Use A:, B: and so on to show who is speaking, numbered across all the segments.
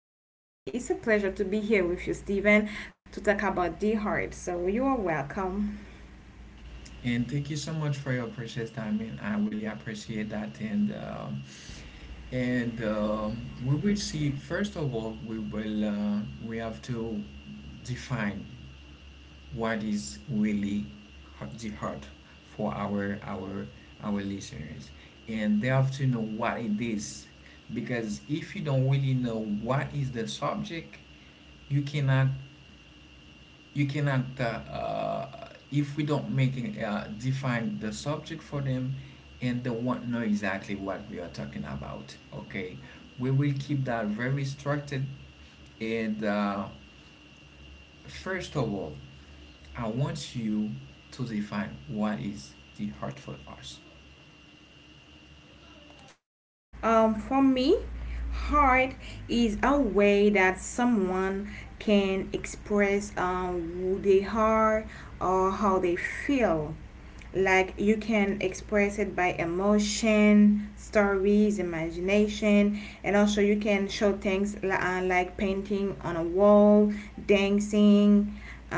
A: everyone, and it's a pleasure to be here with you, Stephen, to talk about the heart. So you are welcome.
B: And thank you so much for your precious time, and I really appreciate that. And we will see. First of all, we will we have to define what is really the heart for our listeners, and they have to know what it is, because if you don't really know what is the subject, you cannot you cannot, if we don't make it, define the subject for them and they won't know exactly what we are talking about. Okay, we will keep that very structured, and first of all, I want you to define what is the heart for us.
A: For me, art is a way that someone can express who they are or how they feel. Like you can express it by emotion, stories, imagination, and also you can show things like painting on a wall, dancing,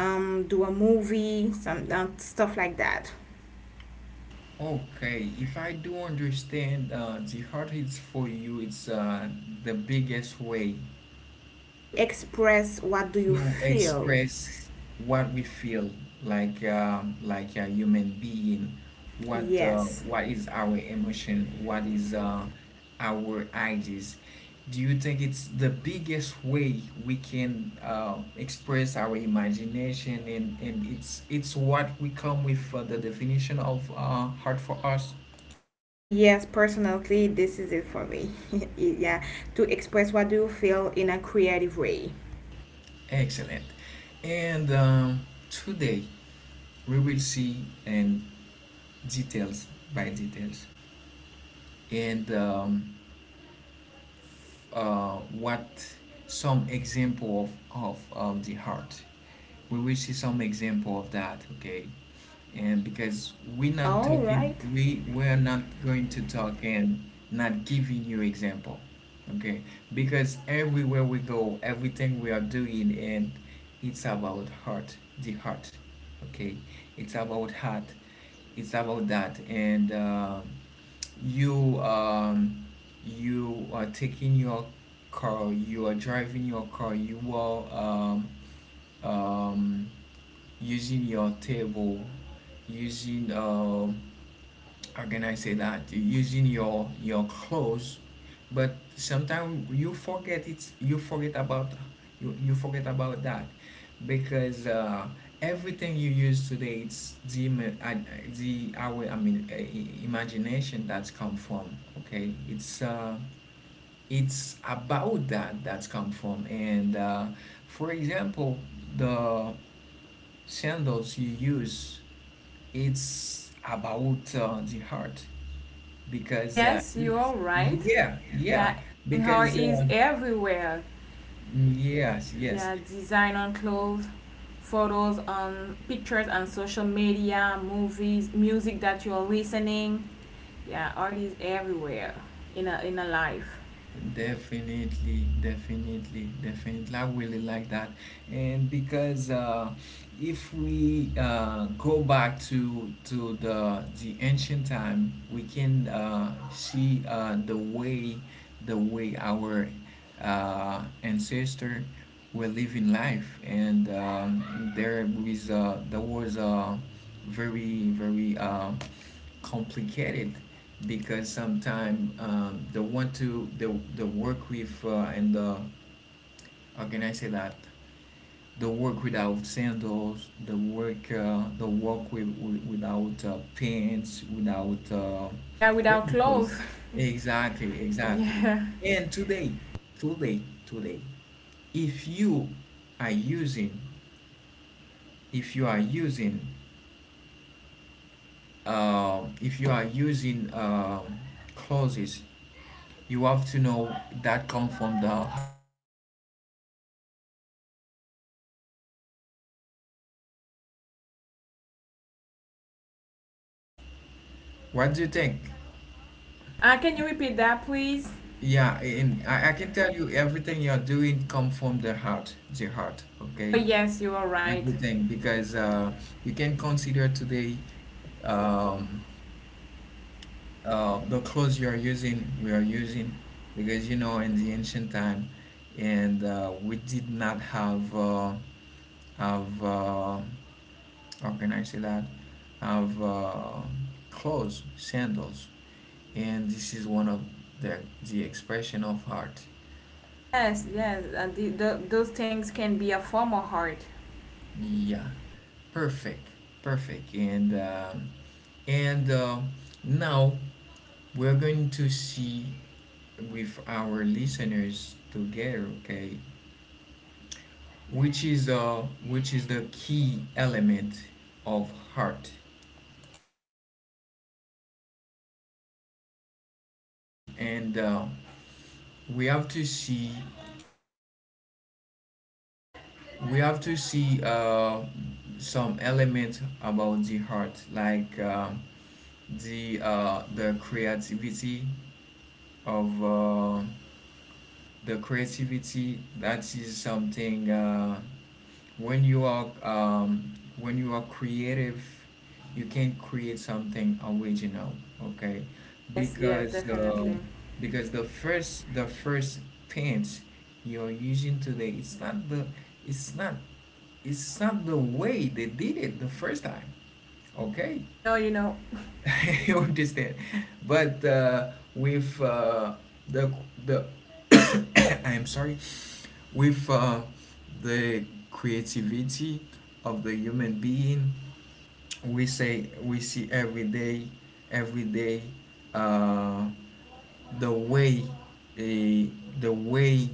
A: do a movie, some stuff like that.
B: Okay, if I do understand, the heart is for you, it's the biggest way
A: Express what do you
B: to
A: feel?
B: express what we feel, like a human being,
A: Yes.
B: what is our emotion, what is our ideas. Do you think it's the biggest way we can express our imagination, and it's what we come with the definition of art for us?
A: Yes, personally, this is it for me. Yeah, to express what do you feel in a creative way.
B: Excellent. And today we will see and details by details and what some example of, of the heart. We will see some example of that, okay? And because we're not
A: All
B: talking,
A: right.
B: we're not going to talk and not giving you example. Okay, because everywhere we go, everything we are doing, and it's about heart, the heart. Okay, it's about heart, it's about that, and you you are taking your car, you are driving your car, you are um, um, using your table, using how can I say that? Using your clothes, but sometimes you forget it. You forget about you, you forget about that, because everything you use today, it's the the our, I mean, imagination that's come from. Okay, it's about that that's come from. And for example, the sandals you use, it's about the heart, because
A: Yes, you
B: if,
A: are right.
B: yeah, yeah,
A: Yeah, and her
B: because
A: is everywhere.
B: yes, yes,
A: Yeah, design on clothes, photos on pictures on social media, movies, music that you are listening. Yeah, art is everywhere in a life.
B: definitely, definitely, definitely, I really like that. And because if we go back to the ancient time, we can see the way our ancestor we're living life, and there was very very complicated, because sometimes they want to they work with and how can I say that? The work without sandals, the work with, without pants, without
A: Yeah, without
B: sneakers.
A: clothes.
B: Exactly, exactly.
A: Yeah.
B: And today, today, today, if you are using, if you are using, if you are using clauses, you have to know that come from the. What do you think?
A: Can you repeat that, please?
B: Yeah, and I can tell you
A: Oh,
B: everything you're doing come from the heart, Jihad, okay?
A: yes, you are right.
B: Everything, because you can consider today um, the clothes you are using, we are using, because you know in the ancient time, and we did not have have uh, how can I say that? Have clothes, sandals, and this is one of the the expression of heart.
A: Yes, yes, and those things can be a form of hard.
B: Yeah, perfect, perfect. And now we're going to see with our listeners together, okay? Which is the key element of heart, and we have to see we have to see uh, some elements about the heart, like the creativity of. The creativity that is something when you are creative, you can create something original. Okay,
A: Yes, yes,
B: because uh,
A: definitely.
B: because the first paint you're using today, it's not it's not the way they did it the first time, okay?
A: No, you know,
B: You understand, but with the the I'm sorry, with the creativity of the human being, we say we see every day, every day, uh, the way, eh, the way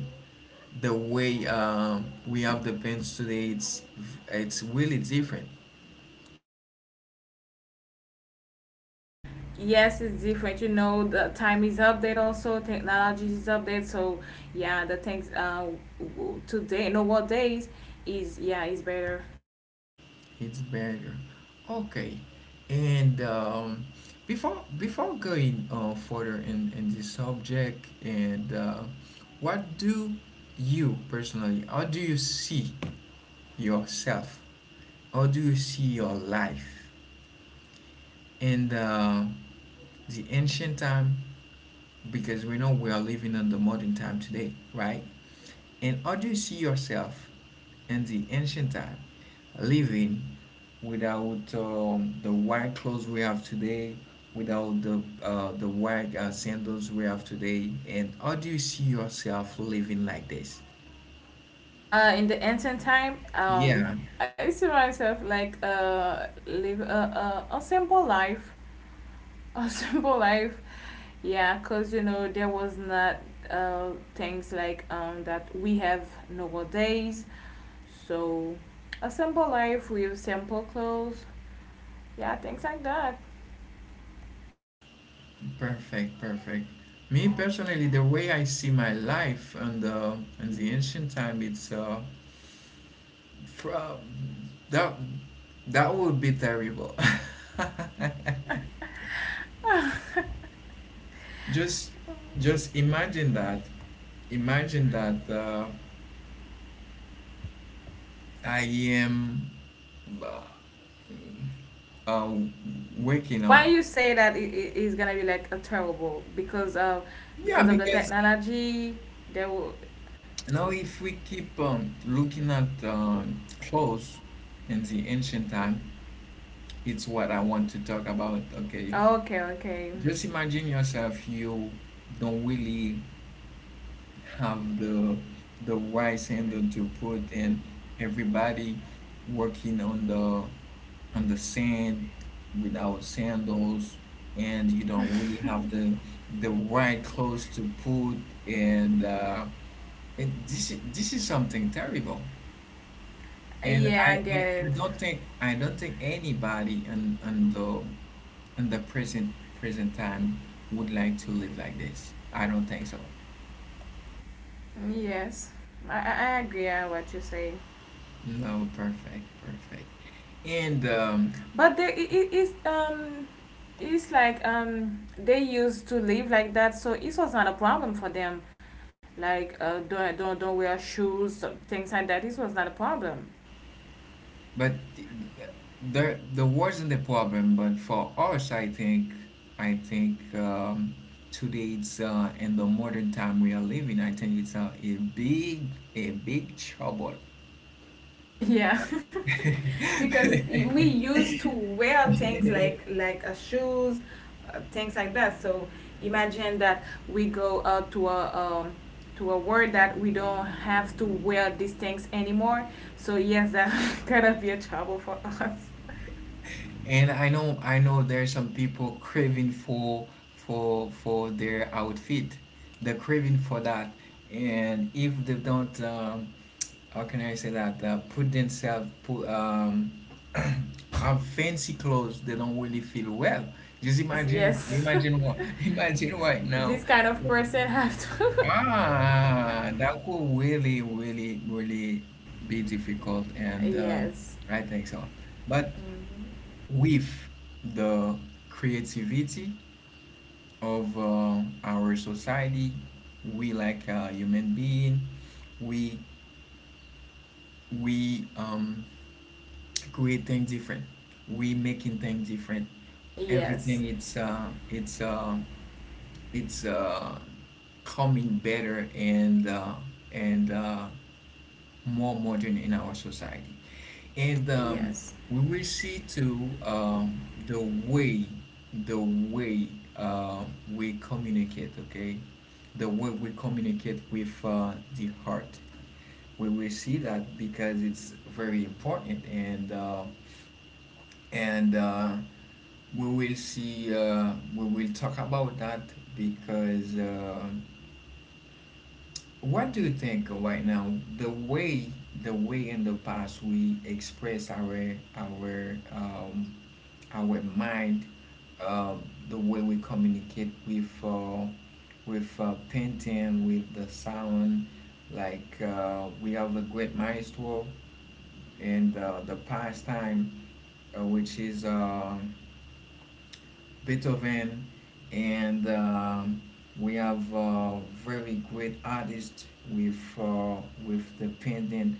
B: the way we have the pens today, it's really different.
A: yes, it's different. You know, the time is update also, technology is update. So yeah, the things today, nowadays is yeah is better.
B: It's better. Okay. And before before going further in this subject, and what do you personally, how do you see yourself? How do you see your life in the ancient time? Because we know we are living in the modern time today, right? And how do you see yourself in the ancient time, living without the white clothes we have today, without the the white sandals we have today? And how do you see yourself living like this?
A: In the ancient time,
B: Yeah,
A: I see myself like live a simple life, a simple life. Yeah, because you know there was not things like that we have nowadays, so a simple life with simple clothes, yeah, things like that.
B: perfect, perfect. Me personally, the way I see my life and the in the ancient time, it's fr- that that would be terrible. Just just imagine that. Imagine that I am uh, um, waking up.
A: Why you say that it is gonna be like a terrible because of,
B: Yeah,
A: because of the
B: because
A: technology there will.
B: now if we keep looking at clothes in the ancient time, it's what I want to talk about. Okay,
A: Okay, okay.
B: just imagine yourself. You don't really have the right handle to put, and everybody working on the sand without sandals, and you don't really have the right clothes to put, and uh, and this this is something terrible. And
A: Yeah, I get it.
B: I don't think, I don't think anybody in the present present time would like to live like this, I don't think so.
A: Yes, I agree on what you say.
B: No, perfect, perfect. And
A: But they it, it is it's like they used to live like that, so it was not a problem for them. Like don't wear shoes, things like that. It was not a problem.
B: But the wasn't the problem. But for us, I think today's in the modern time we are living, I think it's a big trouble.
A: Yeah. Because we used to wear things like shoes, things like that. So imagine that we go out to a world that we don't have to wear these things anymore. So yes, that gonna be a trouble for us.
B: And I know, I know there's some people craving for their outfit. They're craving for that, and if they don't. How can I say that? Put themselves, put, have fancy clothes, they don't really feel well. Just
A: Yes,
B: imagine,
A: yes.
B: imagine what, imagine right now,
A: This kind of person have to
B: ah, that could really really really be difficult. And
A: yes.
B: I think so, but
A: Mhm.
B: with the creativity of our society, we like a human being, we we create things different, we making things different,
A: Yes,
B: everything, it's it's uh coming better and and uh more modern in our society. And
A: yes.
B: we will see too, the way uh we communicate, okay, the way we communicate with the heart. We will see that because it's very important, and we will see. We will talk about that, because what do you think right now? The way in the past we express our our mind, uh, the way we communicate with painting, with the sound, like we have a great maestro and the pastime, which is. Beethoven, and we have very great artists with the pendant.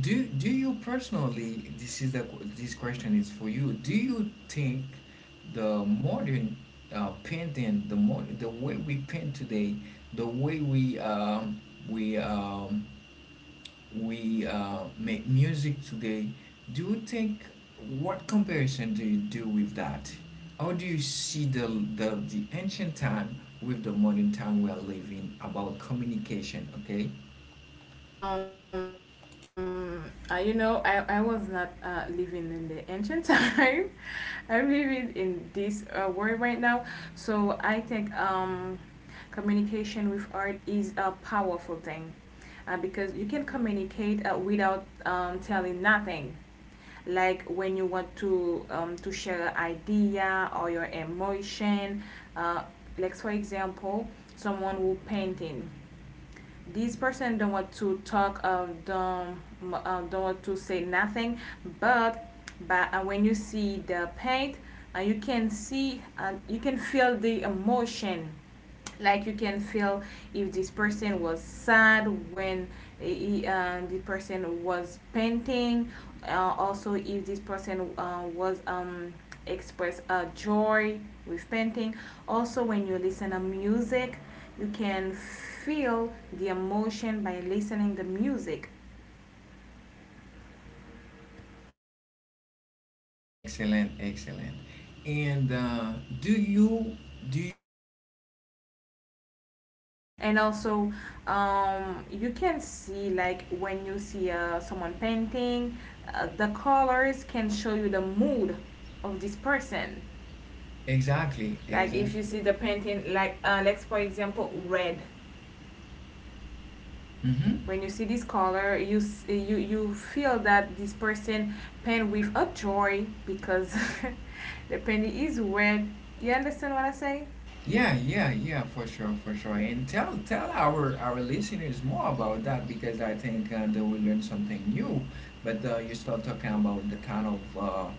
B: Do do you personally? This is the this question is for you. Do you think the modern painting, the modern the way we paint today, the way we we um, we make music today, do you think, what comparison do you do with that? How do you see the ancient time with the modern time we are living about communication? Okay,
A: Um, you know, I was not living in the ancient time. I'm living in this world right now. So I think communication with art is a powerful thing because you can communicate without telling nothing. Like when you want to share an idea or your emotion. Uh, like for example, someone who painting, this person don't want to talk don't want to say nothing, but when you see the paint, you can see and you can feel the emotion. Like you can feel if this person was sad when the person was painting, also if this person was express joy with painting. Also when you listen to music you can feel the emotion by listening the music.
B: excellent, excellent. And do you do you,
A: And also you can see like when you see someone painting, the colors can show you the mood of this person.
B: exactly
A: Like
B: exactly?
A: if you see the painting, like let's for example, red.
B: Mm-hmm.
A: When you see this color, you you you feel that this person paint with a joy because the painting is red. You understand what I say?
B: Yeah, yeah, yeah, for sure, for sure. And tell tell our listeners more about that, because I think they will learn something new. But you start talking about the kind of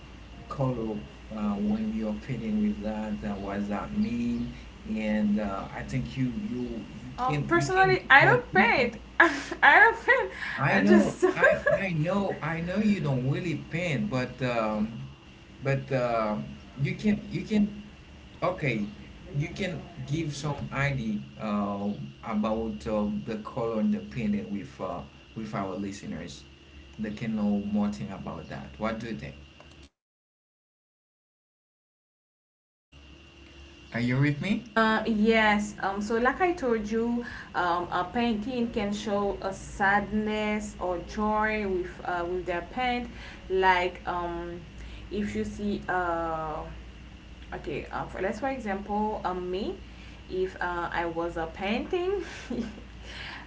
B: color when you're painting with that. What does that mean? And I think you can you can
A: Personally, I
B: go
A: don't
B: deeper.
A: paint. I don't paint.
B: I
A: I
B: know
A: just.
B: I know, I know you don't really paint, but you can you can, okay, you can give some idea about the color and the painting with our listeners. They can know more thing about that. What do you think? Are you with me?
A: Yes. So, like I told you, a painting can show a sadness or joy with their paint. Like if you see okay for, let's for example me, if I was painting,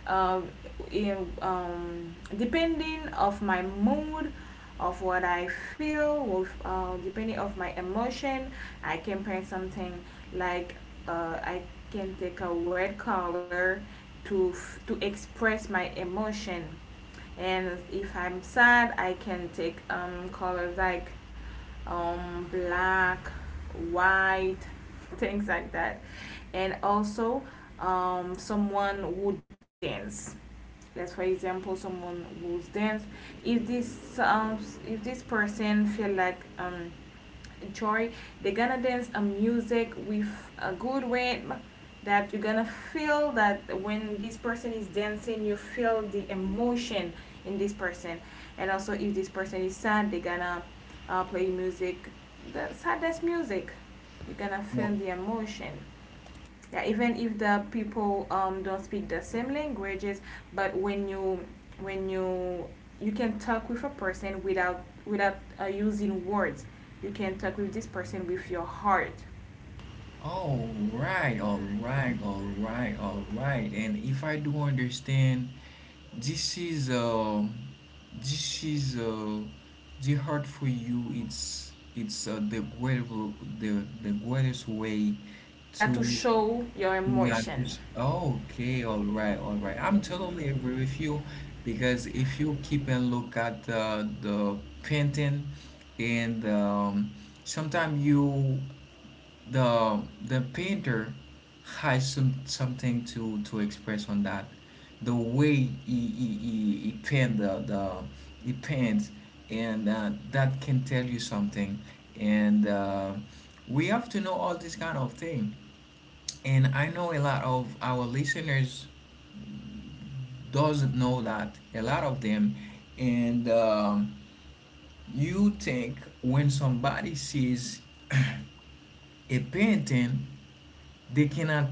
A: um, in, depending of my mood, of what I feel with depending of my emotion, I can paint something like I can take a red color to to express my emotion. And if I'm sad I can take colors like black, white, things like that. And also someone would dance. Let's for example someone would dance. If this um, if this person feel like joy, they're gonna dance a music with a good rhythm that you're gonna feel that when this person is dancing, you feel the emotion in this person. And also, if this person is sad, they're gonna play music, the saddest music. You're gonna
B: Well,
A: feel the emotion. Yeah, even if the people don't speak the same languages, but when you when you you can talk with a person without using words, you can talk with this person with your heart.
B: all right, all right, all right, all right. And if I do understand, this is uh, this is the heart for you. It's the greater the greatest way
A: That to
B: to
A: show your
B: Yeah, I
A: emotion.
B: appreciate. Okay, all right, all right. I'm totally agree with you because if you keep and look at the painting, and sometimes you the painter has something to express on that. The way he he paint the he paints, and that can tell you something, and we have to know all this kind of thing, and I know a lot of our listeners doesn't know that, a lot of them, and you think, when somebody sees a painting, they cannot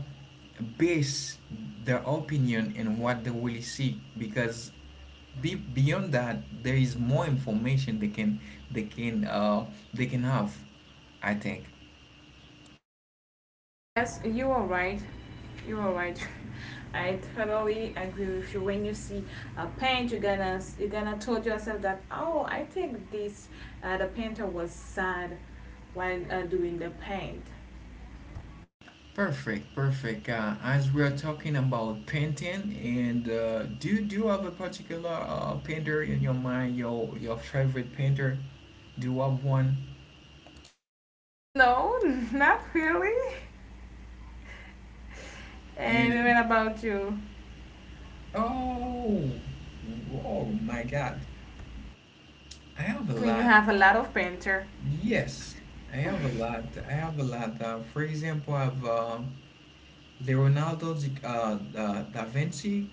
B: base their opinion in what they really see, because beyond that there is more information they can they can uh, they can have, I think.
A: Yes, you are right. You are right. I totally agree with you. When you see a paint you're gonna, you're gonna tell yourself that oh I think this the painter was sad while doing the paint.
B: Perfect, perfect. As we're talking about painting, and do you have a particular painter in your mind? Your favorite painter? Do you have one?
A: No, not really. And
B: And
A: what about you?
B: oh, oh my God, I have a
A: I mean, you
B: lot.
A: have a lot of painter.
B: Yes, I have a lot. I have a lot. For example, I have Leonardo da Vinci,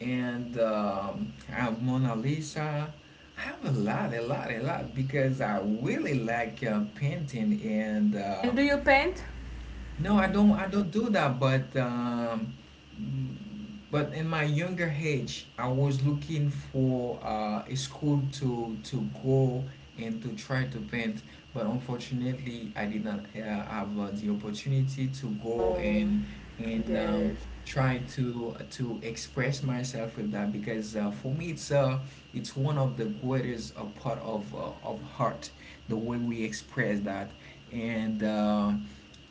B: and I have Mona Lisa. I have a lot, a lot, a lot, because I really like painting, and
A: And do you paint?
B: no, I don't. I don't do that. But in my younger age, I was looking for a school to go and to try to paint. But unfortunately, I did not have the opportunity to go,
A: Oh,
B: and
A: I
B: and
A: get
B: um,
A: it.
B: try to express myself with that, because for me, it's one of the greatest part of heart, the way we express that, and.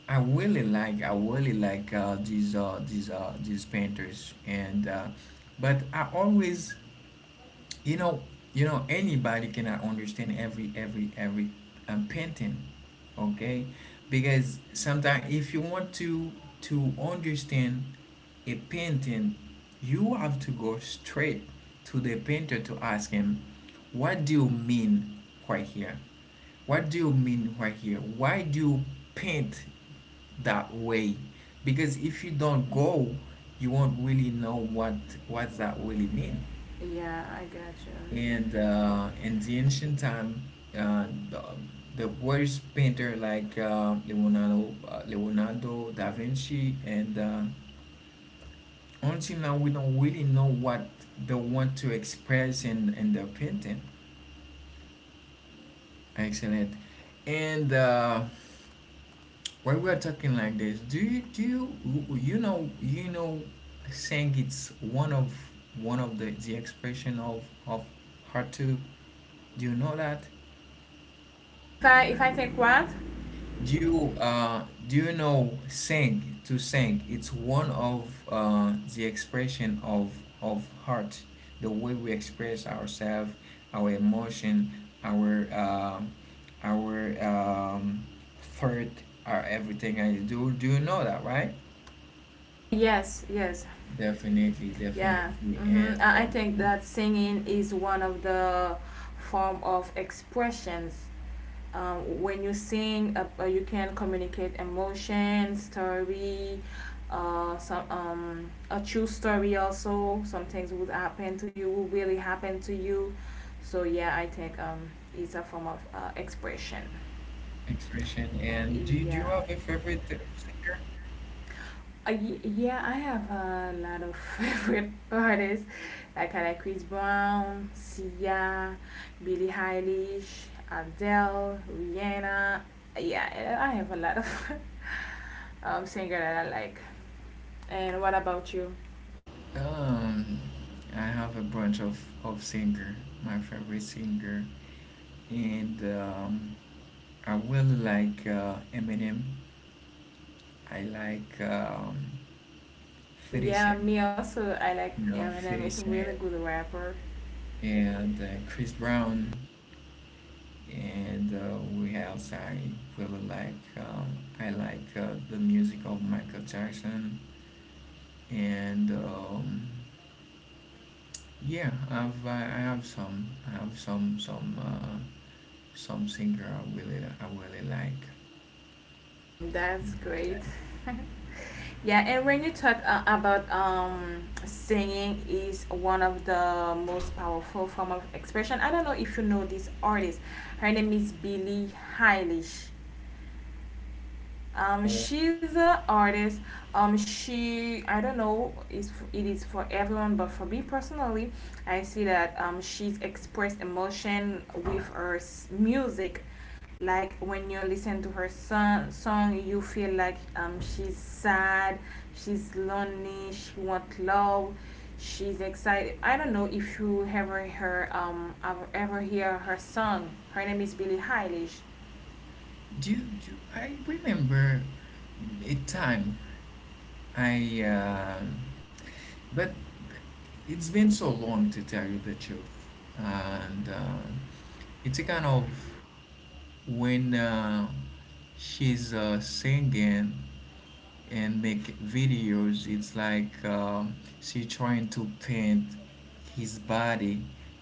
B: I really like, I really like these painters, and but I always, you know anybody cannot understand every painting, okay? Because sometimes if you want to understand a painting, you have to go straight to the painter to ask him, what do you mean right here, what do you mean right here? Why do you paint that way? Because if you don't go, you won't really know what that really mean.
A: Yeah, I got you.
B: And in the ancient time, uh, the, the worst painter like Leonardo da Vinci, and until now we don't really know what they want to express in their painting. Excellent. And when we're talking like this, do you you know saying it's one of the expression of hard to, do you know that,
A: If I, if I think what?
B: do you uh do you know, sing, to sing, it's one of the expression of heart, the way we express ourselves, our emotion, our um our thought, our everything. I do Do you know that, right?
A: Yes, yes,
B: Definitely,
A: yeah.
B: definitely,
A: I
B: and
A: think
B: um,
A: that singing is one of the form of expressions. When you sing you can communicate emotion, story, some a true story, also some things would happen to you. Would really happen to you. So yeah I think it's a form of expression.
B: expression. And do you
A: Yeah,
B: have a favorite singer?
A: yeah I have a lot of favorite artists, like I like Chris Brown, Sia, Billie Eilish, Adele, Rihanna. Yeah, I have a lot of singer that I like. And what about you?
B: Um, I have a bunch of singer. My favorite singer, and I really like Eminem. I like 50
A: Yeah,
B: Cent,
A: me also. I like
B: you know,
A: Eminem.
B: 50
A: It's a really
B: Cent,
A: good rapper.
B: and Chris Brown, and we else, I really like I like the music of Michael Jackson, and yeah, I have some. I have some singer I really like.
A: That's
B: Really
A: great.
B: like.
A: Yeah, and when you talk about singing is one of the most powerful form of expression. I don't know if you know this artist. Her name is Billie Eilish.
B: Uh,
A: She's an artist. She I don't know is it is for everyone, but for me personally, I see that she's expressed emotion with her music. Like when you listen to her song, you feel like she's sad, she's lonely, she wants love, she's excited. I don't know if you ever hear ever hear her song. Her name is Billie Eilish.
B: Do, do I remember a time? I but it's been so long, to tell you the truth, and it's a kind of, when she's singing and make videos, it's like she trying to paint his body,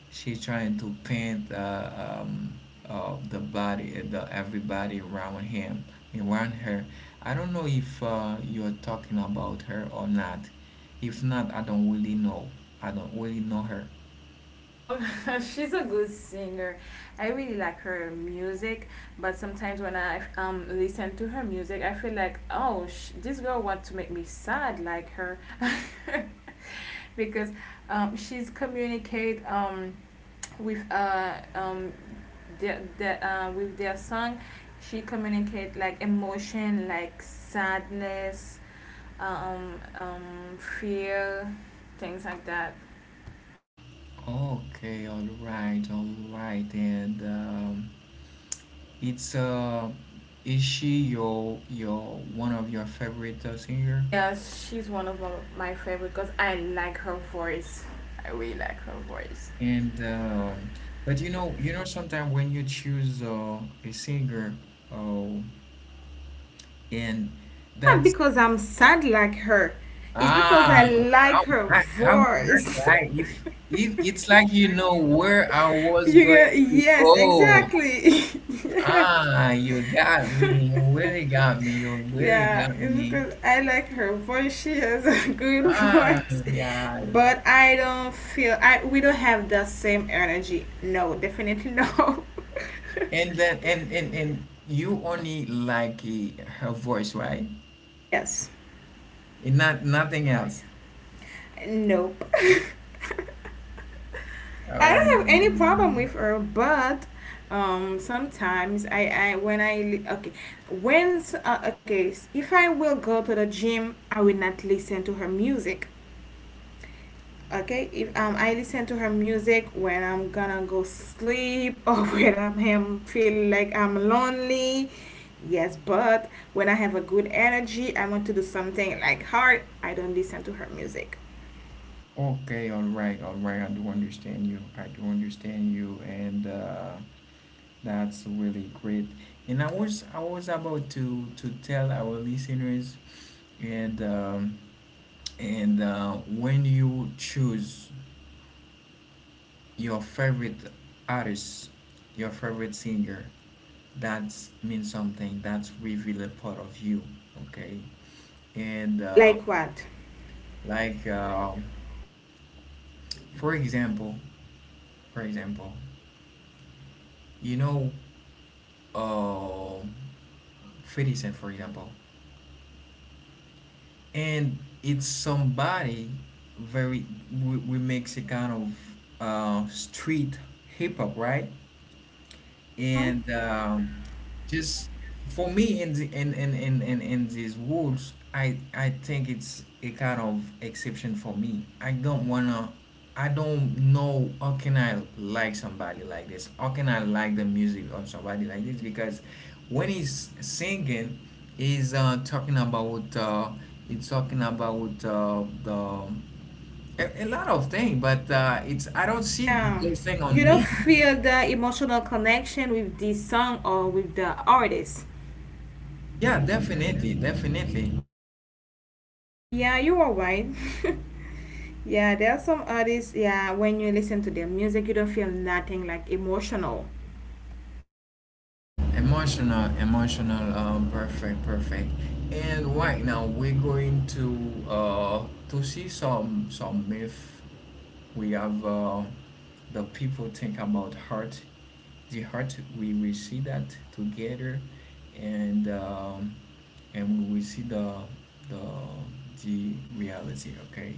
B: she trying to paint the body, the everybody around him, around her. I don't know if you're talking about her or not. If not, I don't really know. I don't really know her.
A: She's a good singer. I really like her music, but sometimes when I listen to her music, I feel like, oh, this girl wants to make me sad like her because she's communicate with uh um their with their song, she communicate like emotion, like sadness, fear, things like that.
B: Okay, all right, all right, and It's is she your one of your favorite singer?
A: Yes, she's one of my favorite because I like her voice. I really like her voice.
B: And but sometimes when you choose a singer, oh, and
A: Not
B: that's
A: because I'm sad like her. It's because
B: ah,
A: I like
B: I,
A: her
B: I, I,
A: voice.
B: if it's like you know where I was
A: You
B: going
A: get
B: to
A: yes,
B: go.
A: exactly. Yeah.
B: Ah, you got me. You really got me. You really
A: Yeah,
B: got
A: it's
B: me.
A: because I like her voice. She has a good
B: Ah,
A: voice,
B: yeah.
A: but I don't feel I we don't have the same energy. No, definitely no.
B: And then, and you only like her voice, right?
A: Yes.
B: And not nothing else.
A: No. I don't have any problem
B: Um.
A: with her, but sometimes I when I okay, when okay if I will go to the gym, I will not listen to her music. Okay, if I listen to her music when I'm gonna go sleep or when I'm am- feel like I'm lonely. Yes, but when I have a good energy, I want to do something like hard, I don't listen to her music.
B: Okay. All right. All right. I do understand you. I do understand you. And that's really great. And I was about to tell our listeners, and um, and when you choose your favorite artist, your favorite singer, that means something. That's reveal a part of you, okay? And
A: Like what?
B: like, for example, for example, you know, uh, 50 Cent, for example, and it's somebody very, we makes a kind of street hip hop, right?
A: Huh?
B: and Just for me, in the in these woods, I think it's a kind of exception for me. I don't know how can I like somebody like this, how can I like the music of somebody like this? Because when he's singing, he's talking about the a lot of things, but it's, I don't see
A: Yeah.
B: those things on
A: You don't
B: me.
A: feel the emotional connection with this song or with the artist.
B: Yeah, definitely, definitely.
A: Yeah, you are right. Yeah, there are some artists, yeah, when you listen to their music, you don't feel nothing like emotional.
B: Emotional, emotional, perfect, perfect. And right now we're going to see some myth we have the people think about heart, the heart. We will see that together, and um, and we will see the the reality. Okay,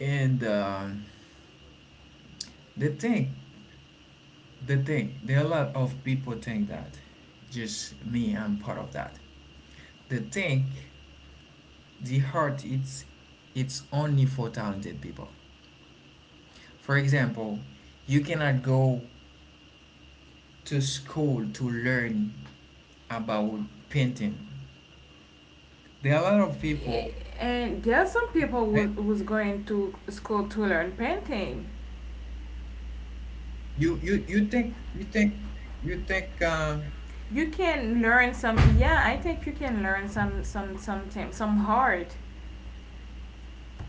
B: and the thing, the thing, there are a lot of people think that, just me, I'm part of that. The thing, the heart, it's only for talented people. For example, you cannot go to school to learn about painting. There are a lot of
A: Eh,
B: people.
A: and there are some people who
B: Right?
A: who's going to school to learn painting.
B: You think you think you think
A: You can learn some, yeah, I think you can learn some, something, some art.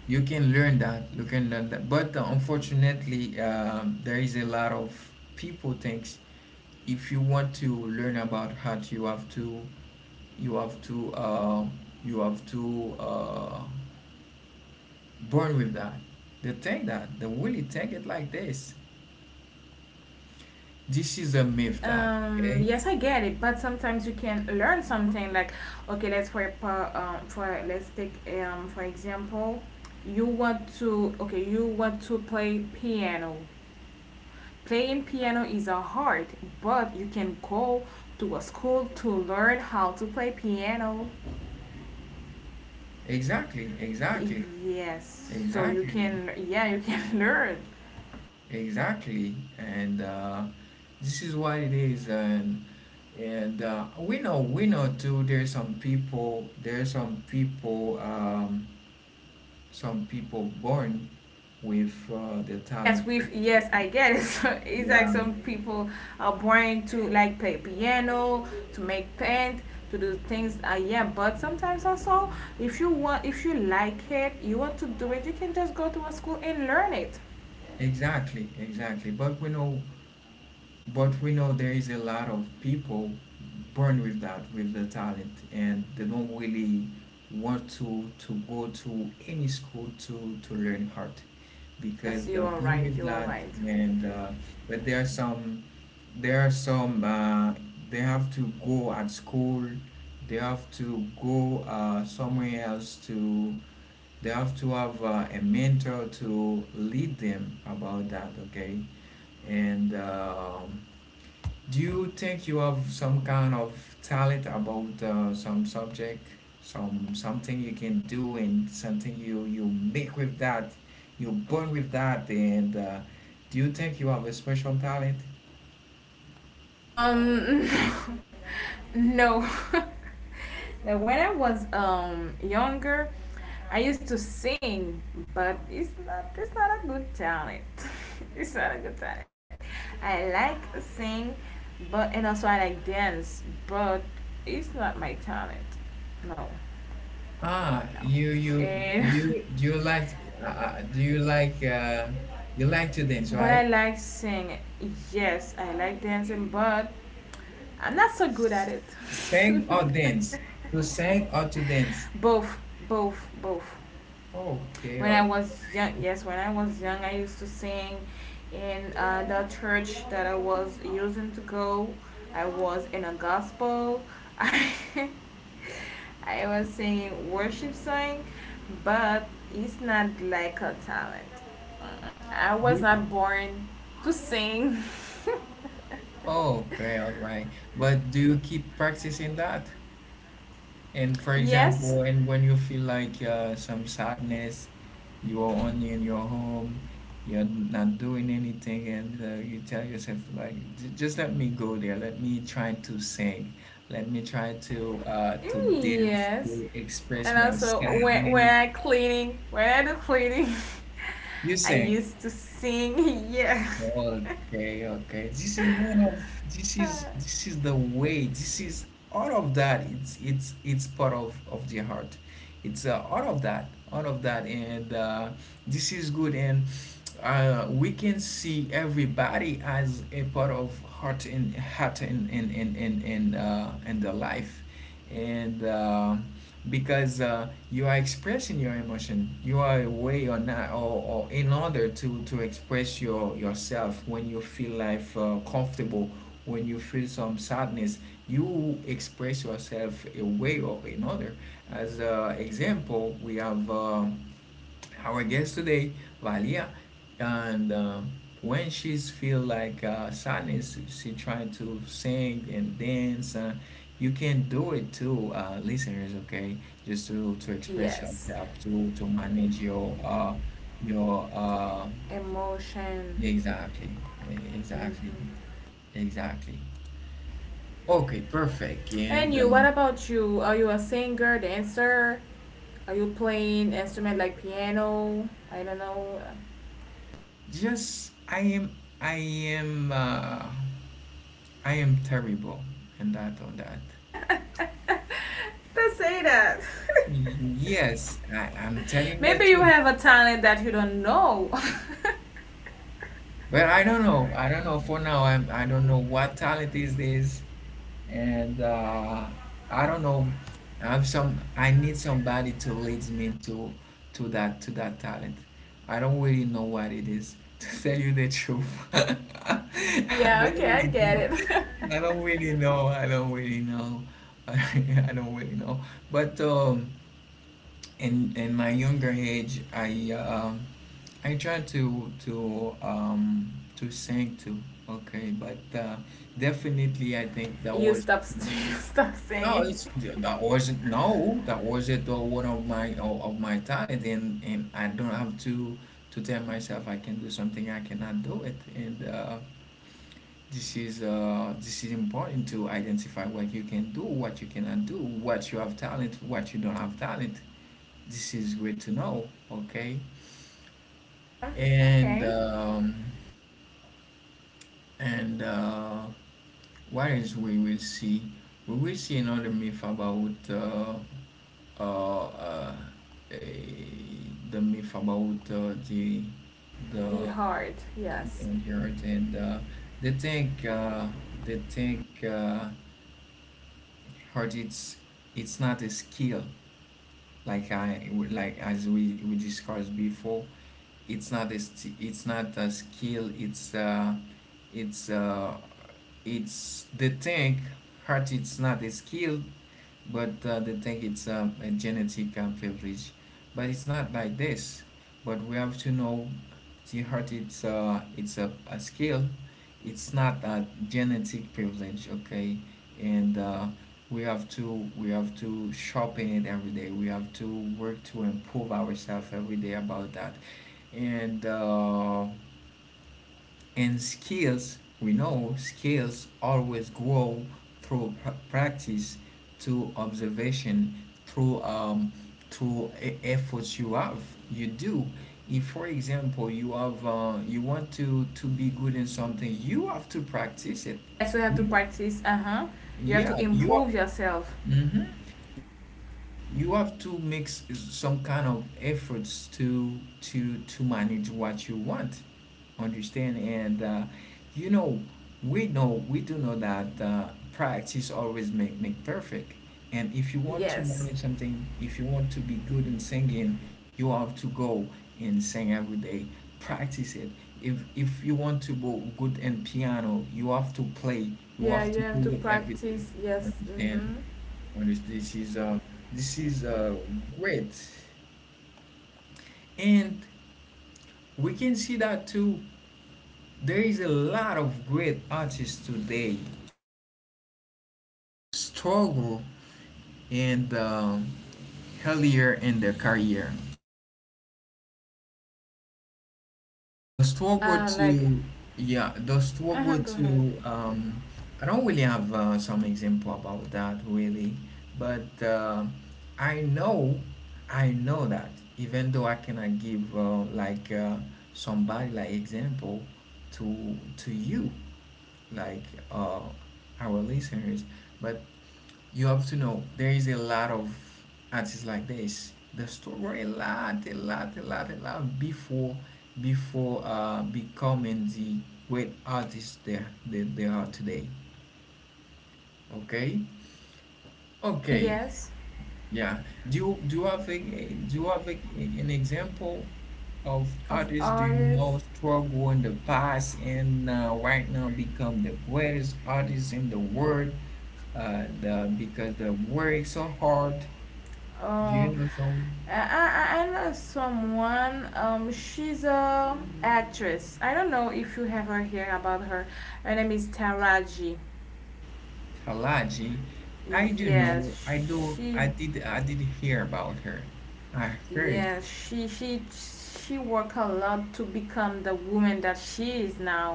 B: you can learn that, you can learn that, but unfortunately, there is a lot of people thinks, if you want to learn about art, you have to, you have to uh, you have to uh, born with that. They think that, they really take it like this. This is a myth, that, okay?
A: Yes I get it, but sometimes you can learn something like okay let's for pa- for let's take for example, you want to okay you want to play piano. Playing piano is a hard, but you can go to a school to learn how to play piano.
B: Exactly, exactly,
A: Yes, so you
B: exactly,
A: can yeah you can learn.
B: exactly, and this is what it is, and we know too, there's some people, there's some people, some people born with the talent.
A: Yes, we've yes, I get it. So it's like
B: Yeah,
A: some people are born to like play piano, to make paint, to do things. Yeah, but sometimes also, if you want, if you like it, you want to do it, you can just go to a school and learn it.
B: exactly, exactly. But we know there is a lot of people born with that, with the talent, and they don't really want to go to any school to learn art,
A: Yes,
B: because
A: you
B: they're
A: are
B: born
A: right.
B: with
A: You are
B: that,
A: right.
B: and but there are some they have to go at school, they have to go somewhere else to, they have to have a mentor to lead them about that, okay? and Do you think you have some kind of talent about some subject, something you can do, and something you make with that, you born with that, and do you think you have a special talent?
A: Um, no. That when I was younger, I used to sing, but it's not a good talent. It's not a good talent. I like sing, but and also I like dance, but it's not my talent. No.
B: Ah, you
A: And
B: do you, do you like do you like to dance,
A: but I
B: right?
A: like sing. Yes, I like dancing, but I'm not so good at it.
B: Sing or dance? To sing or to dance?
A: both, both.
B: Okay,
A: When
B: all-
A: I was young, yes, when I was young, I used to sing in the church that I was using to go. I was in a gospel. I, I was singing worship song, but it's not like a talent. I was
B: do-
A: not born to sing.
B: okay, all right. But do you keep practicing that? And for
A: Yes,
B: example, and when you feel like some sadness, you are only in your home, you're not doing anything, and you tell yourself like, "Just let me go there. Let me try to sing. Let me try to dance
A: Yes.
B: to express
A: And
B: my
A: also when
B: sadness.
A: I cleaning, when I do cleaning,
B: You
A: I
B: sing.
A: used to sing. Yeah.
B: Okay, okay. This is this is the way. This is all of that. It's part of the heart. It's all of that, all of that, and this is good, and we can see everybody as a part of heart, and heart, and and the life, and because you are expressing your emotion, you are away or not, or in order to express your yourself, when you feel life comfortable, when you feel some sadness, you express yourself a way or another. As an example, we have our guest today, Valia, and when she's feel like sadness, she trying to sing and dance. You can do it too, listeners. Okay, just to express
A: Yes,
B: yourself, to manage your your uh,
A: emotion.
B: exactly, exactly,
A: Hmm.
B: exactly. Okay, perfect.
A: And
B: And
A: you, what about you? Are you a singer, dancer? Are you playing instrument like piano? I don't know.
B: just I am uh, I am terrible in that, on that.
A: Don't say that.
B: Yes, I'm telling the
A: Maybe you
B: truth.
A: have a talent that you don't know.
B: But I don't know. I don't know for now. I don't know what talent is this, and I don't know. I am some. I need somebody to lead me to to that talent. I don't really know what it is. To tell you the truth, I
A: yeah,
B: don't
A: okay, I
B: really
A: get
B: know. I
A: it.
B: don't really know. I don't really know. I don't really know. But in my younger age, I I tried to to sing too. Okay, but definitely, I think that was.
A: You stop
B: No,
A: singing.
B: it's that was no, that was it though one of my of my talent and I don't have to tell myself I can do something I cannot do it, and this is important to identify what you can do, what you cannot do, what you have talent, what you don't have talent. This is great to know, okay? And
A: Okay.
B: um, and what else we will see? We will see another myth about uh, uh, eh, the myth about the
A: The heart, yes.
B: young earth, and they think they think hard it's not a skill like I like as we discussed before. It's not a it's not a skill, it's uh, it's they think hard it's not a skill, but they think it's a genetic privilege. But it's not like this. But we have to know the heart. It's a skill. It's not a genetic privilege. Okay, and we have to sharpen it every day. We have to work to improve ourselves every day about that. And uh, and skills, we know skills always grow through practice, through observation, through um, through efforts you have, you do. If, for example, you have you want to be good in something, you have to practice it.
A: Yes, you have to
B: You,
A: practice. Uh huh. You
B: yeah,
A: have to
B: you are.
A: improve yourself.
B: Mm-hmm. You have to make some kind of efforts to manage what you want, understand? And you know, we know we do know that practice always make perfect. And if you want to manage
A: Yes.
B: something, if you want to be good in singing, you have to go and sing every day, practice it. If you want to be good in piano, you have to play, you have
A: Yeah,
B: to
A: you
B: do
A: have
B: it
A: to
B: every day,
A: practice. Yes.
B: understand?
A: Mm-hmm.
B: Honest, this is great, and we can see that too. There is a lot of great artists today struggle, and earlier in their career. The store go
A: Uh,
B: to,
A: like,
B: yeah, the store go
A: uh-huh, go
B: to,
A: ahead.
B: um, I don't really have some example about that really, but I know, I know that even though I cannot give like somebody like example to you, like, uh, our listeners, but you have to know there is a lot of artists like this. The struggle a lot, a lot, a lot, a lot before before becoming the great artists they, they are today. Okay? Okay.
A: Yes,
B: Yeah. Do you have a do you have an example of
A: of
B: artists do you know
A: artists.
B: struggle in the past, and right now become the greatest artists in the world? The because they work so hard. Do you
A: Oh,
B: know some
A: I know someone. She's a actress. I don't know if you have her here about her. Her name is Taraji.
B: Talaji? I do
A: Yes,
B: know. I do.
A: she.
B: I did. I did hear about her. I heard.
A: Yes, she worked a lot to become the woman that she is now.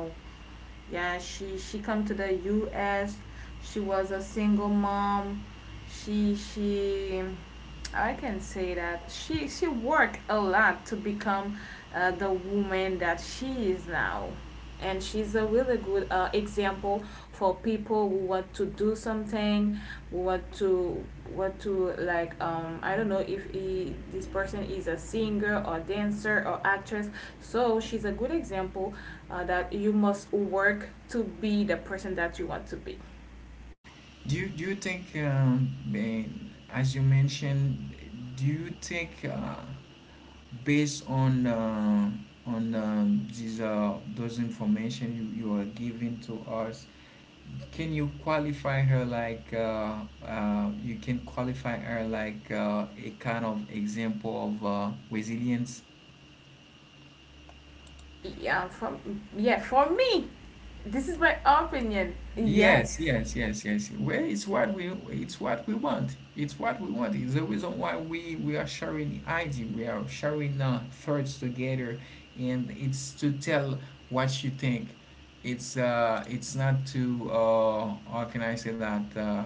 A: Yeah, she come to the US. She was a single mom. She I can say that she worked a lot to become the woman that she is now. And she's a really good example for people who want to do something, who want to like I don't know if he, this person is a singer or dancer or actress. So she's a good example that you must work to be the person that you want to be.
B: Do you think, eh, as you mentioned, do you think, based on on, these those information you, you are giving to us, can you qualify her like you can qualify her like, a kind of example of, resilience?
A: Yeah, from yeah, for me. This is my opinion.
B: Yes,
A: Yes.
B: yes, yes, yes. Well, it's what we, it's what we want. It's what we want. It's the reason why we are sharing idea. We are sharing thoughts together, and it's to tell what you think. It's uh, it's not to uh, how can I say that?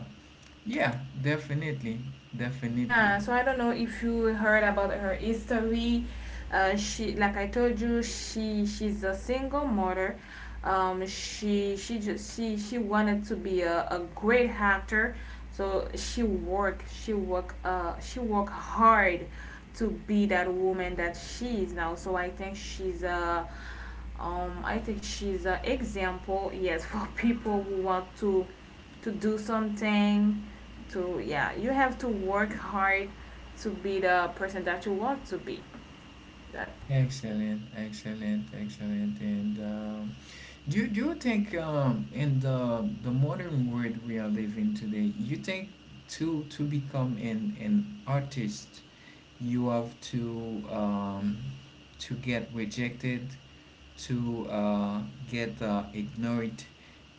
B: Yeah, definitely, definitely.
A: Yeah. So I don't know if you heard about her history. She, like I told you, she's a single mother. She just she wanted to be a great actor, so she work hard to be that woman that she is now. So I think she's a I think she's an example. Yes, for people who want to do something to yeah you have to work hard to be the person that you want to be. That
B: Excellent, excellent, excellent, and. Do you, do you think, in the modern world we are living today, you think to become an artist, you have to, to get rejected, to, get, ignored,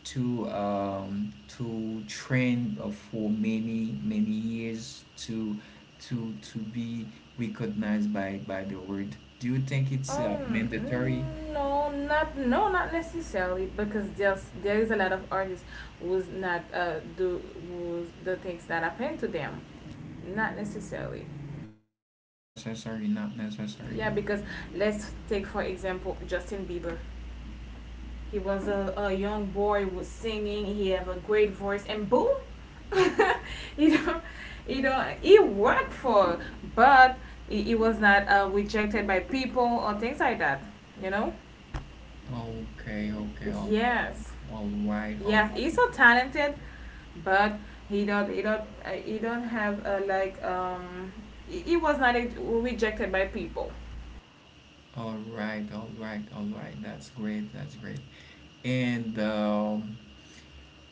B: to, to train, for many many years to be recognized by the world. Do you think it's, mandatory,
A: no not no not necessarily because just there is a lot of artists who's not do who's the things that happen to them not necessarily.
B: necessary, not necessary?
A: Yeah, because let's take for example Justin Bieber. He was a young boy was singing, he have a great voice, and boom. You know, you know, but he was not rejected by people or things like that. You know.
B: Okay, okay,
A: Yes,
B: all right,
A: yes, he's so talented, but he don't have like he was not rejected by people.
B: all right, all right, all right. That's great, that's great. And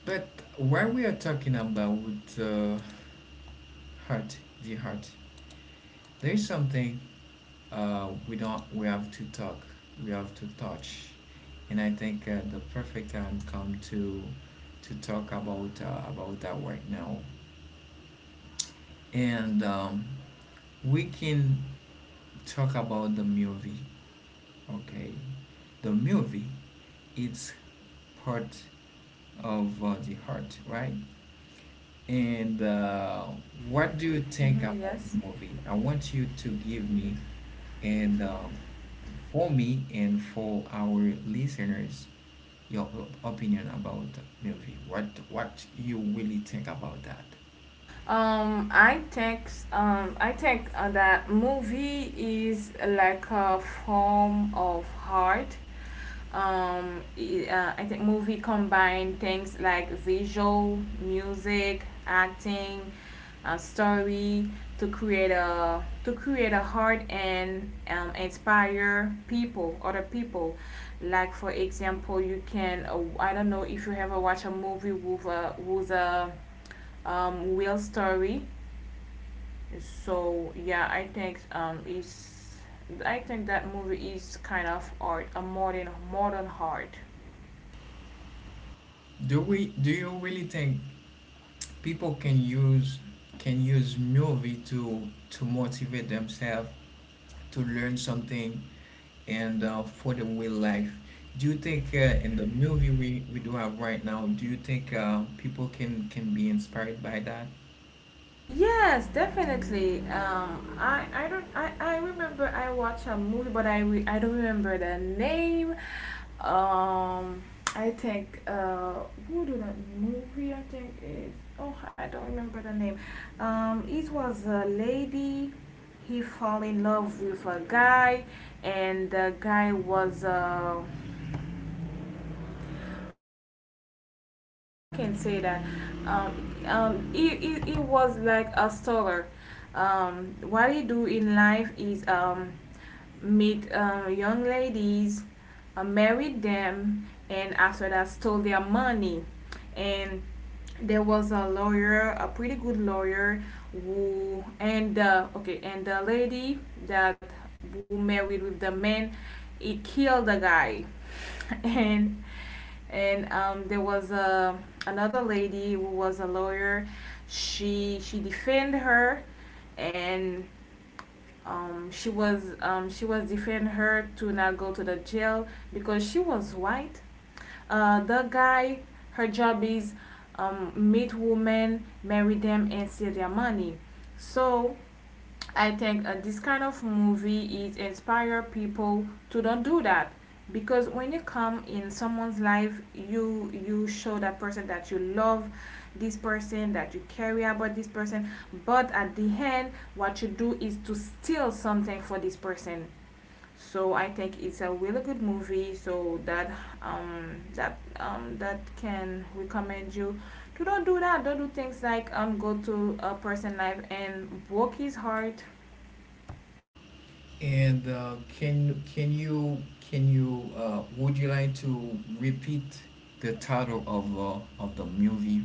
B: but while we are talking about, uh, heart, the heart, there is something, we don't, we have to talk, we have to touch, and I think, the perfect time come to talk about, about that right now, and we can talk about the movie. Okay, the movie, it's part of, the heart, right? And what do you think
A: Hmm,
B: about
A: yes.
B: the movie? I want you to give me, and for me and for our listeners, your opinion about the movie. What you really think about that?
A: I think that movie is like a form of art. I think movie combine things like visual, music, acting, story, to create a heart and inspire people other people. Like for example you can I don't know if you ever watch a movie with a real story. So yeah, I think is I think that movie is kind of art, a modern art.
B: Do we, do you really think people can use, can use movie to motivate themselves to learn something, and for the real life. Do you think, in the movie we do have right now, do you think, people can be inspired by that?
A: Yes, definitely. I don't I remember I watched a movie, but I don't remember the name. Um, I think who did that movie? I think is oh I don't remember the name. It was a lady. He fall in love with a guy, and the guy was can say that he was like a stoller. What he do in life is meet young ladies, married them, and after that stole their money. And there was a lawyer, a pretty good lawyer, who and the okay, and the lady that who married with the man, he killed the guy, and and there was a another lady who was a lawyer. She defended her, and she was defending her to not go to the jail because she was white. The guy, her job is meet women, marry them, and steal their money. So I think this kind of movie it inspire people to don't do that, because when you come in someone's life, you show that person that you love this person, that you care about this person, but at the end, what you do is to steal something for this person. So I think it's a really good movie. So that can recommend you to don't do that. Don't do things like go to a person life and broke his heart.
B: And can you, can you, would you like to repeat the title of, of the movie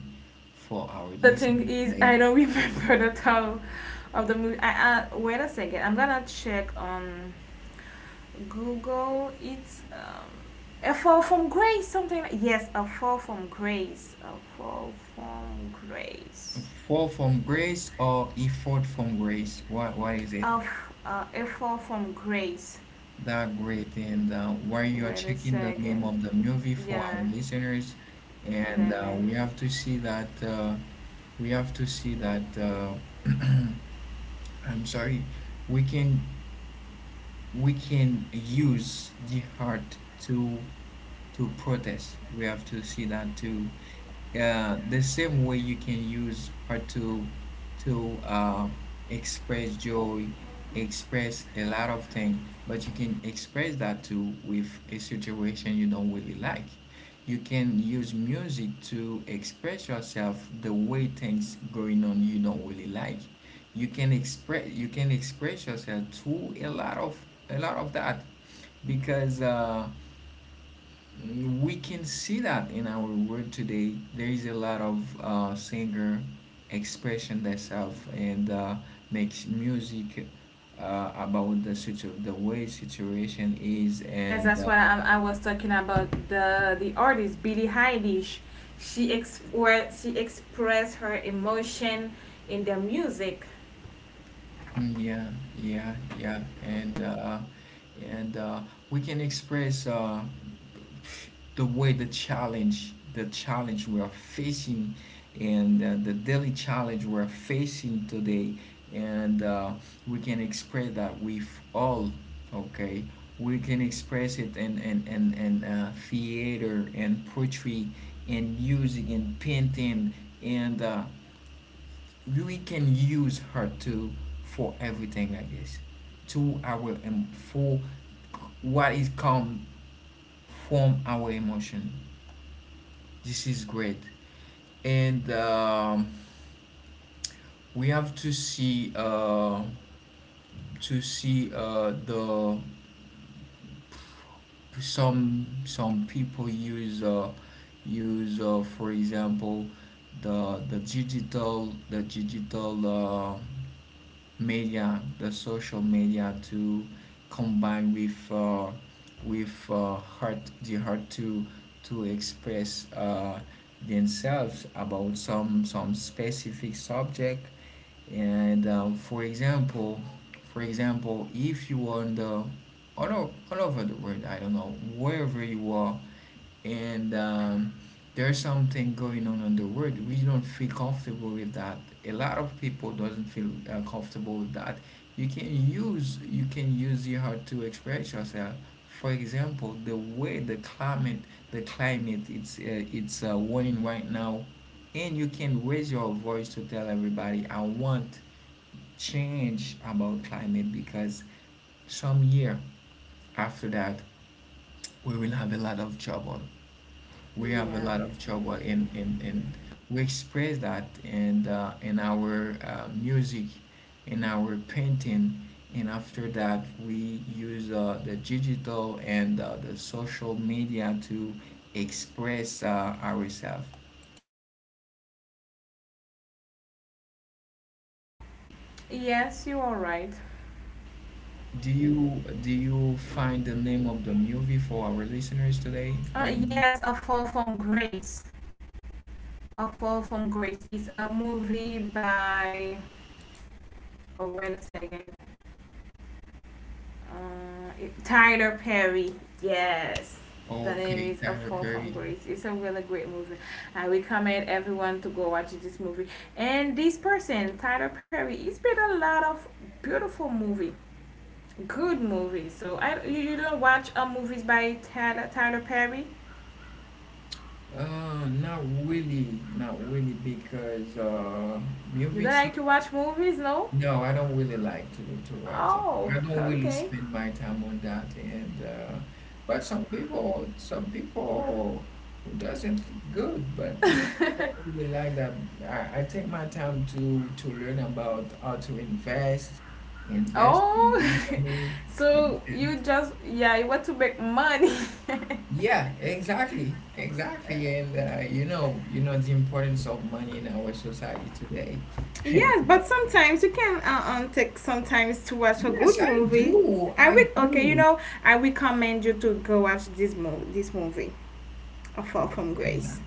B: for our
A: The thing
B: listeners
A: is,
B: today?
A: I don't remember the title of the movie. Wait a second. I'm gonna check on Google. It's A Fall from Grace. Something like yes, A Fall from Grace. A Fall from Grace.
B: Fall from Grace or Effort from Grace? What is it?
A: Of A Fall from Grace.
B: That great. And while you are
A: Wait a
B: checking the name
A: second.
B: of the movie for our
A: Yeah,
B: listeners, and
A: let me.
B: we have to see that, we have to see that, I'm sorry, we can we can use the heart to to protest. We have to see that too. Yeah, the same way you can use art to, express joy, express a lot of things, but you can express that too with a situation you don't really like. You can use music to express yourself the way things going on you don't really like. You can express, you can express yourself through a lot of that because, we can see that in our world today there is a lot of, singer expression themselves, and makes music, about the the way situation is,
A: Yes,
B: and
A: that's
B: uh,
A: what I was talking about. The artist Billie Eilish, she ex where she expressed her emotion in the music.
B: mm, yeah, yeah, yeah, and and uh, we can express, the way the challenge, the challenge we are facing, and the daily challenge we're facing today, and we can express that with all. Okay, we can express it in, in, in, theater and poetry and music and painting, and we can use her too for everything like this to our for what is come from our emotion. This is great, and we have to see, to see, the some people use, use, for example the digital, the digital. Uh, media, the social media to combine with, with, heart, the heart to express, themselves about some specific subject, and for example, for example if you are on the all, all over the world, I don't know wherever you are, and there's something going on in the world we don't feel comfortable with that, a lot of people doesn't feel, comfortable with that, you can use, you can use your heart to express yourself. For example, the way the climate, the climate it's, it's, warning right now, and you can raise your voice to tell everybody I want change about climate because some year after that we will have a lot of trouble, we have a
A: Yeah.
B: lot of trouble, and we express that, and in our, music, in our painting, and after that we use, the digital, and the social media to express, ourselves.
A: Yes, you are right.
B: Do you, do you find the name of the movie for our listeners today right now?
A: Yes, A Fall from Grace. A Fall from Grace is a movie by. Oh wait a second. Uh, Tyler Perry. Yes. The name
B: Okay,
A: is A
B: Tyler
A: Fall from
B: Perry.
A: Grace. It's a really great movie. I recommend everyone to go watch this movie. And this person, Tyler Perry, he's made a lot of beautiful movie, good movies. So I, you don't watch movies by Tyler Perry?
B: Uh, not really, not really, because,
A: You don't
B: movies.
A: like to watch movies, no?
B: No, I don't really like to go to watch that. I
A: Oh,
B: don't really
A: okay.
B: spend my time on that, and but some people who doesn't good, but me, I don't really like that. I take my time to learn about how to invest, invest
A: Oh,
B: in money,
A: so
B: understand?
A: you just yeah, you want to make money.
B: Yeah, exactly, exactly, and you know the importance of money in our society today.
A: Yes, but sometimes you can take sometimes to watch a
B: Yes,
A: good
B: I
A: movie.
B: do.
A: I
B: I
A: would okay, you
B: do.
A: know, I recommend you to go watch this movie, A Fall from
B: Okay, that,
A: Grace.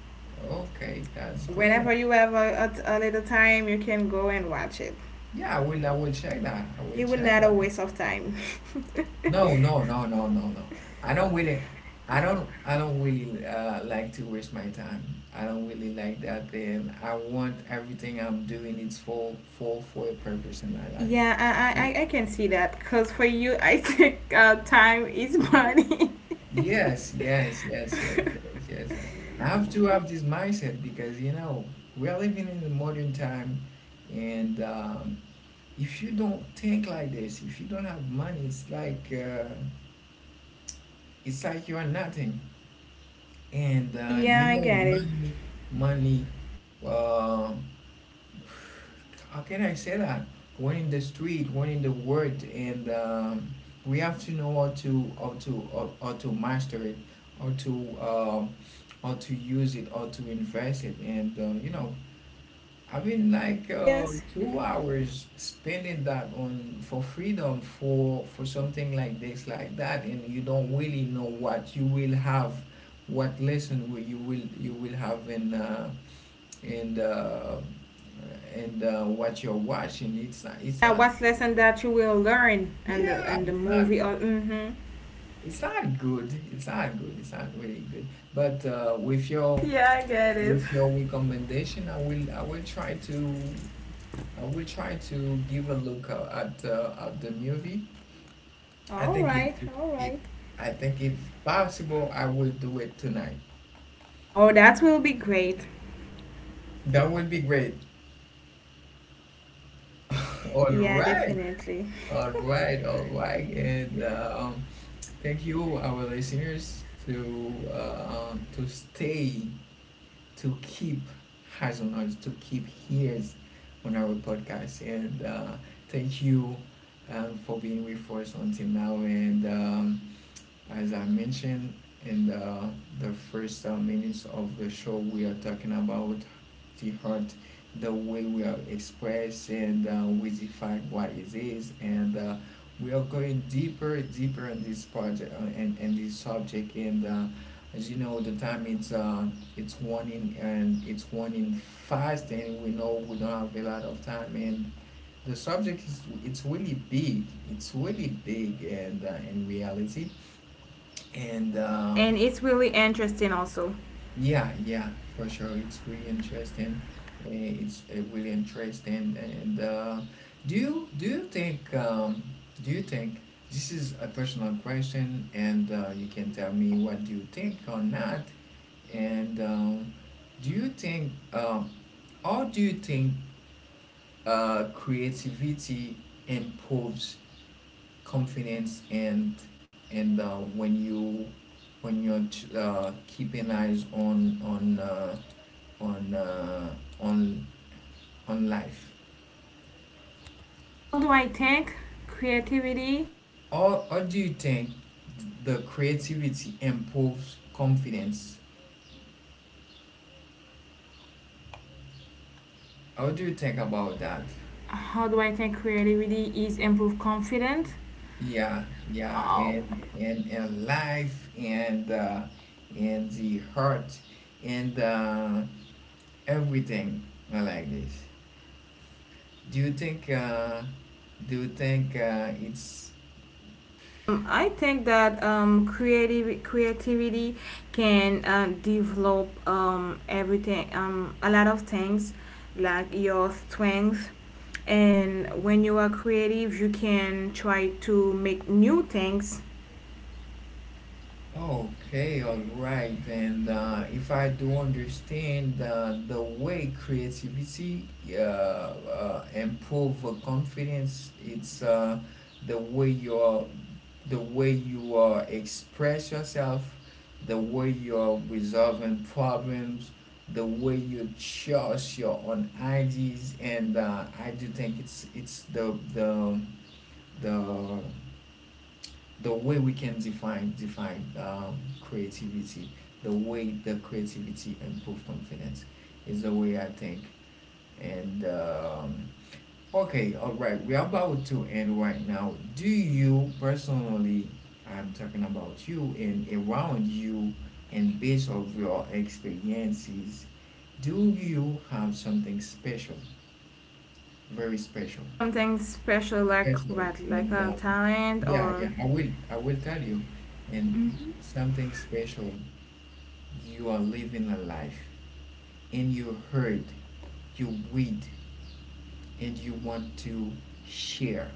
B: okay, that's great.
A: Whenever you have a little time, you can go and watch it.
B: Yeah, I will. I will check that. I will
A: It will
B: check
A: not a
B: that.
A: waste of time.
B: No, no, no, no, no, no. I don't really. I don't. I don't really, like to waste my time. I don't really like that. Then I want everything I'm doing. It's for a purpose in my
A: Yeah,
B: life.
A: I can see that because for you, I think time is money.
B: Yes, yes, yes, yes, yes, yes. I have to have this mindset because you know we are living in the modern time, and if you don't think like this, if you don't have money, it's like you are nothing. And
A: yeah,
B: you
A: I
B: know,
A: get it.
B: money uh, how can I say that? One in the street, one in the world, and we have to know how to how to master it, how to um, how to use it, how to invest it. And you know, I mean, like uh,
A: Yes.
B: 2 hours spending that on for freedom for something like this, like that, and you don't really know what you will have, what lesson will have in and uh, and what you're watching. It's not. It's
A: Yeah,
B: not.
A: what's lesson that you will learn
B: Yeah,
A: and the
B: it's not.
A: movie? Or, mm-hmm.
B: It's not good. It's not good. It's not really good. But
A: Yeah, I get it.
B: with your recommendation, I will try to I will try to give a look at the movie. I
A: All
B: think if
A: right, all
B: if
A: right.
B: I think if possible, I will do it tonight.
A: Oh, that will be great.
B: That would be great. All
A: Yeah,
B: right,
A: definitely.
B: all right, and thank you, our listeners, to stay, to keep eyes on us, to keep ears on our podcast, and thank you for being with us until now. And as I mentioned in the first minutes of the show, we are talking about the heart, the way we are expressed and we define what it is. And we are going deeper, deeper in this project and this subject. And as you know, the time it's one in and it's one in fast, and we know we don't have a lot of time. And the subject is it's really big. It's really big, and in reality. And
A: And it's really interesting also.
B: Yeah, yeah, for sure, it's really interesting. Uh, It's really interesting. And do you do you think um, do you think this is a personal question? And you can tell me what do you think or not. And do you think how do you think creativity improves confidence, and when you when you're keeping eyes on on uh, on on life?
A: How do I think creativity?
B: Or do you think the creativity improves confidence? How do you think about that?
A: How do I think creativity is improve confidence?
B: Yeah, yeah,
A: Oh.
B: and life, and the heart, and everything. I like this. Do you think uh, do you think it's
A: I think that creative creativity can develop everything, a lot of things, like your strength. And when you are creative, you can try to make new things.
B: okay, all right? And if I do understand the way creativity improve confidence, it's the way you're the way you express yourself, the way you're resolving problems, the way you choose your own ideas. And I do think it's the the way we can define creativity, the way the creativity improve confidence is the way I think. And okay, all right, we're about to end right now. Do you personally? I'm talking about you and around you, and based of your experiences, do you have something special, very special,
A: Something special like
B: special?
A: what, like
B: And
A: a talent
B: yeah,
A: or
B: yeah, I will tell you. And something special. You are living a life, and you heard, you read, and you want to share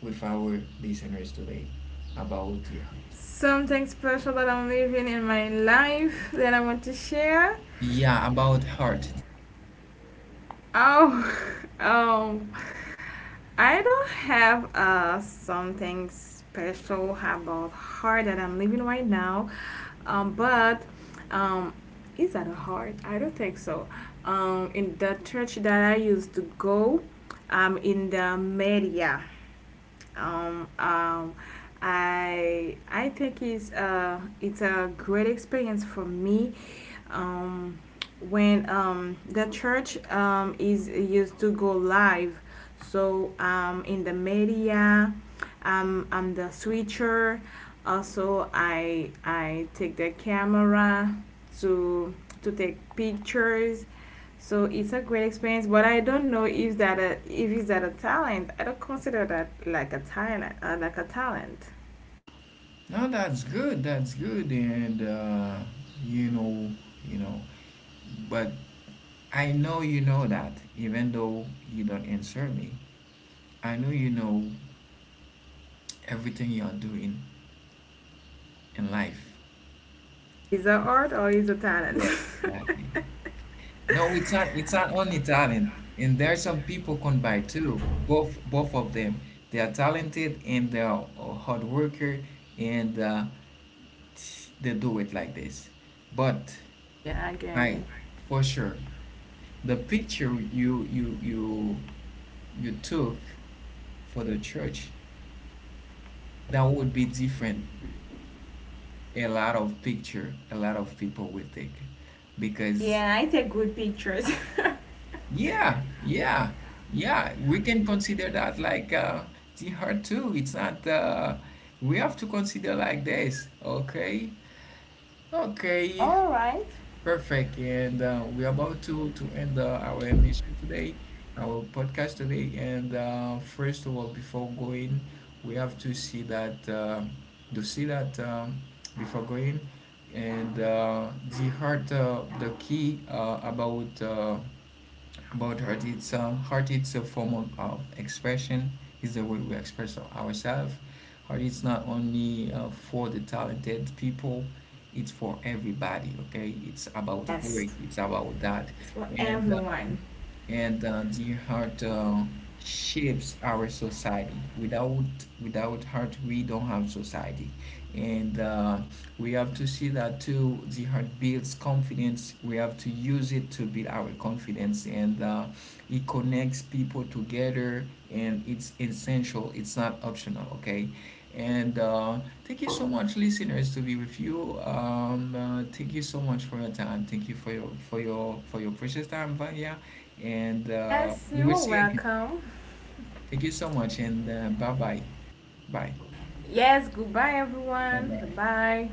B: with our listeners today about the heart.
A: something special that I'm living in my life that I want to share.
B: Yeah, about heart.
A: Oh, um, I don't have something special about heart that I'm living right now. Um, but um, is that a heart? I don't think so. Um, in the church that I used to go, um, in the media. Um, um, I think it's a great experience for me. Um, when the church is used to go live, so in the media, I'm the switcher. Also, I take the camera to to take pictures. So it's a great experience, but I don't know if that a, if it's that a talent. I don't consider that like a talent, like a talent.
B: No, that's good. That's good. And you know, you know, but I know you know that, even though you don't answer me. I know you know everything you are doing in life.
A: Is a art or is a talent?
B: Yes, exactly. No, it's not. It's not only talent, and there are some people combined too. Both of them, they are talented and they are a hard worker, and they do it like this. But
A: yeah, I get
B: I,
A: it.
B: for sure, the picture you took for the church, that would be different. A lot of picture, a lot of people will take, because
A: Yeah, I take good pictures.
B: yeah, yeah, yeah. We can consider that like the heart too. It's not. We have to consider like this. Okay, okay,
A: All right.
B: perfect. And we're about to end our emission today, our podcast today. And first of all, before going, we have to see that before going, and the heart, the key about. About heart, it's heart it's a form of expression. It's the way we express ourselves. Heart is not only for the talented people. It's for everybody. Okay, it's about work.
A: Yes.
B: It's about that,
A: It's for
B: and um,
A: everyone.
B: and the heart shapes our society. Without heart, we don't have society, and we have to see that too. The heart builds confidence. We have to use it to build our confidence, and it connects people together. And it's essential. It's not optional. Okay. And thank you so much, listeners, to be with you. Thank you so much for your time. Thank you for your for your for your precious time, Vanya. And
A: Yes,
B: we
A: you
B: will
A: are
B: see again.
A: welcome.
B: Thank you so much, and bye bye. Bye.
A: Yes, goodbye
B: Bye
A: everyone.
B: bye.
A: Bye.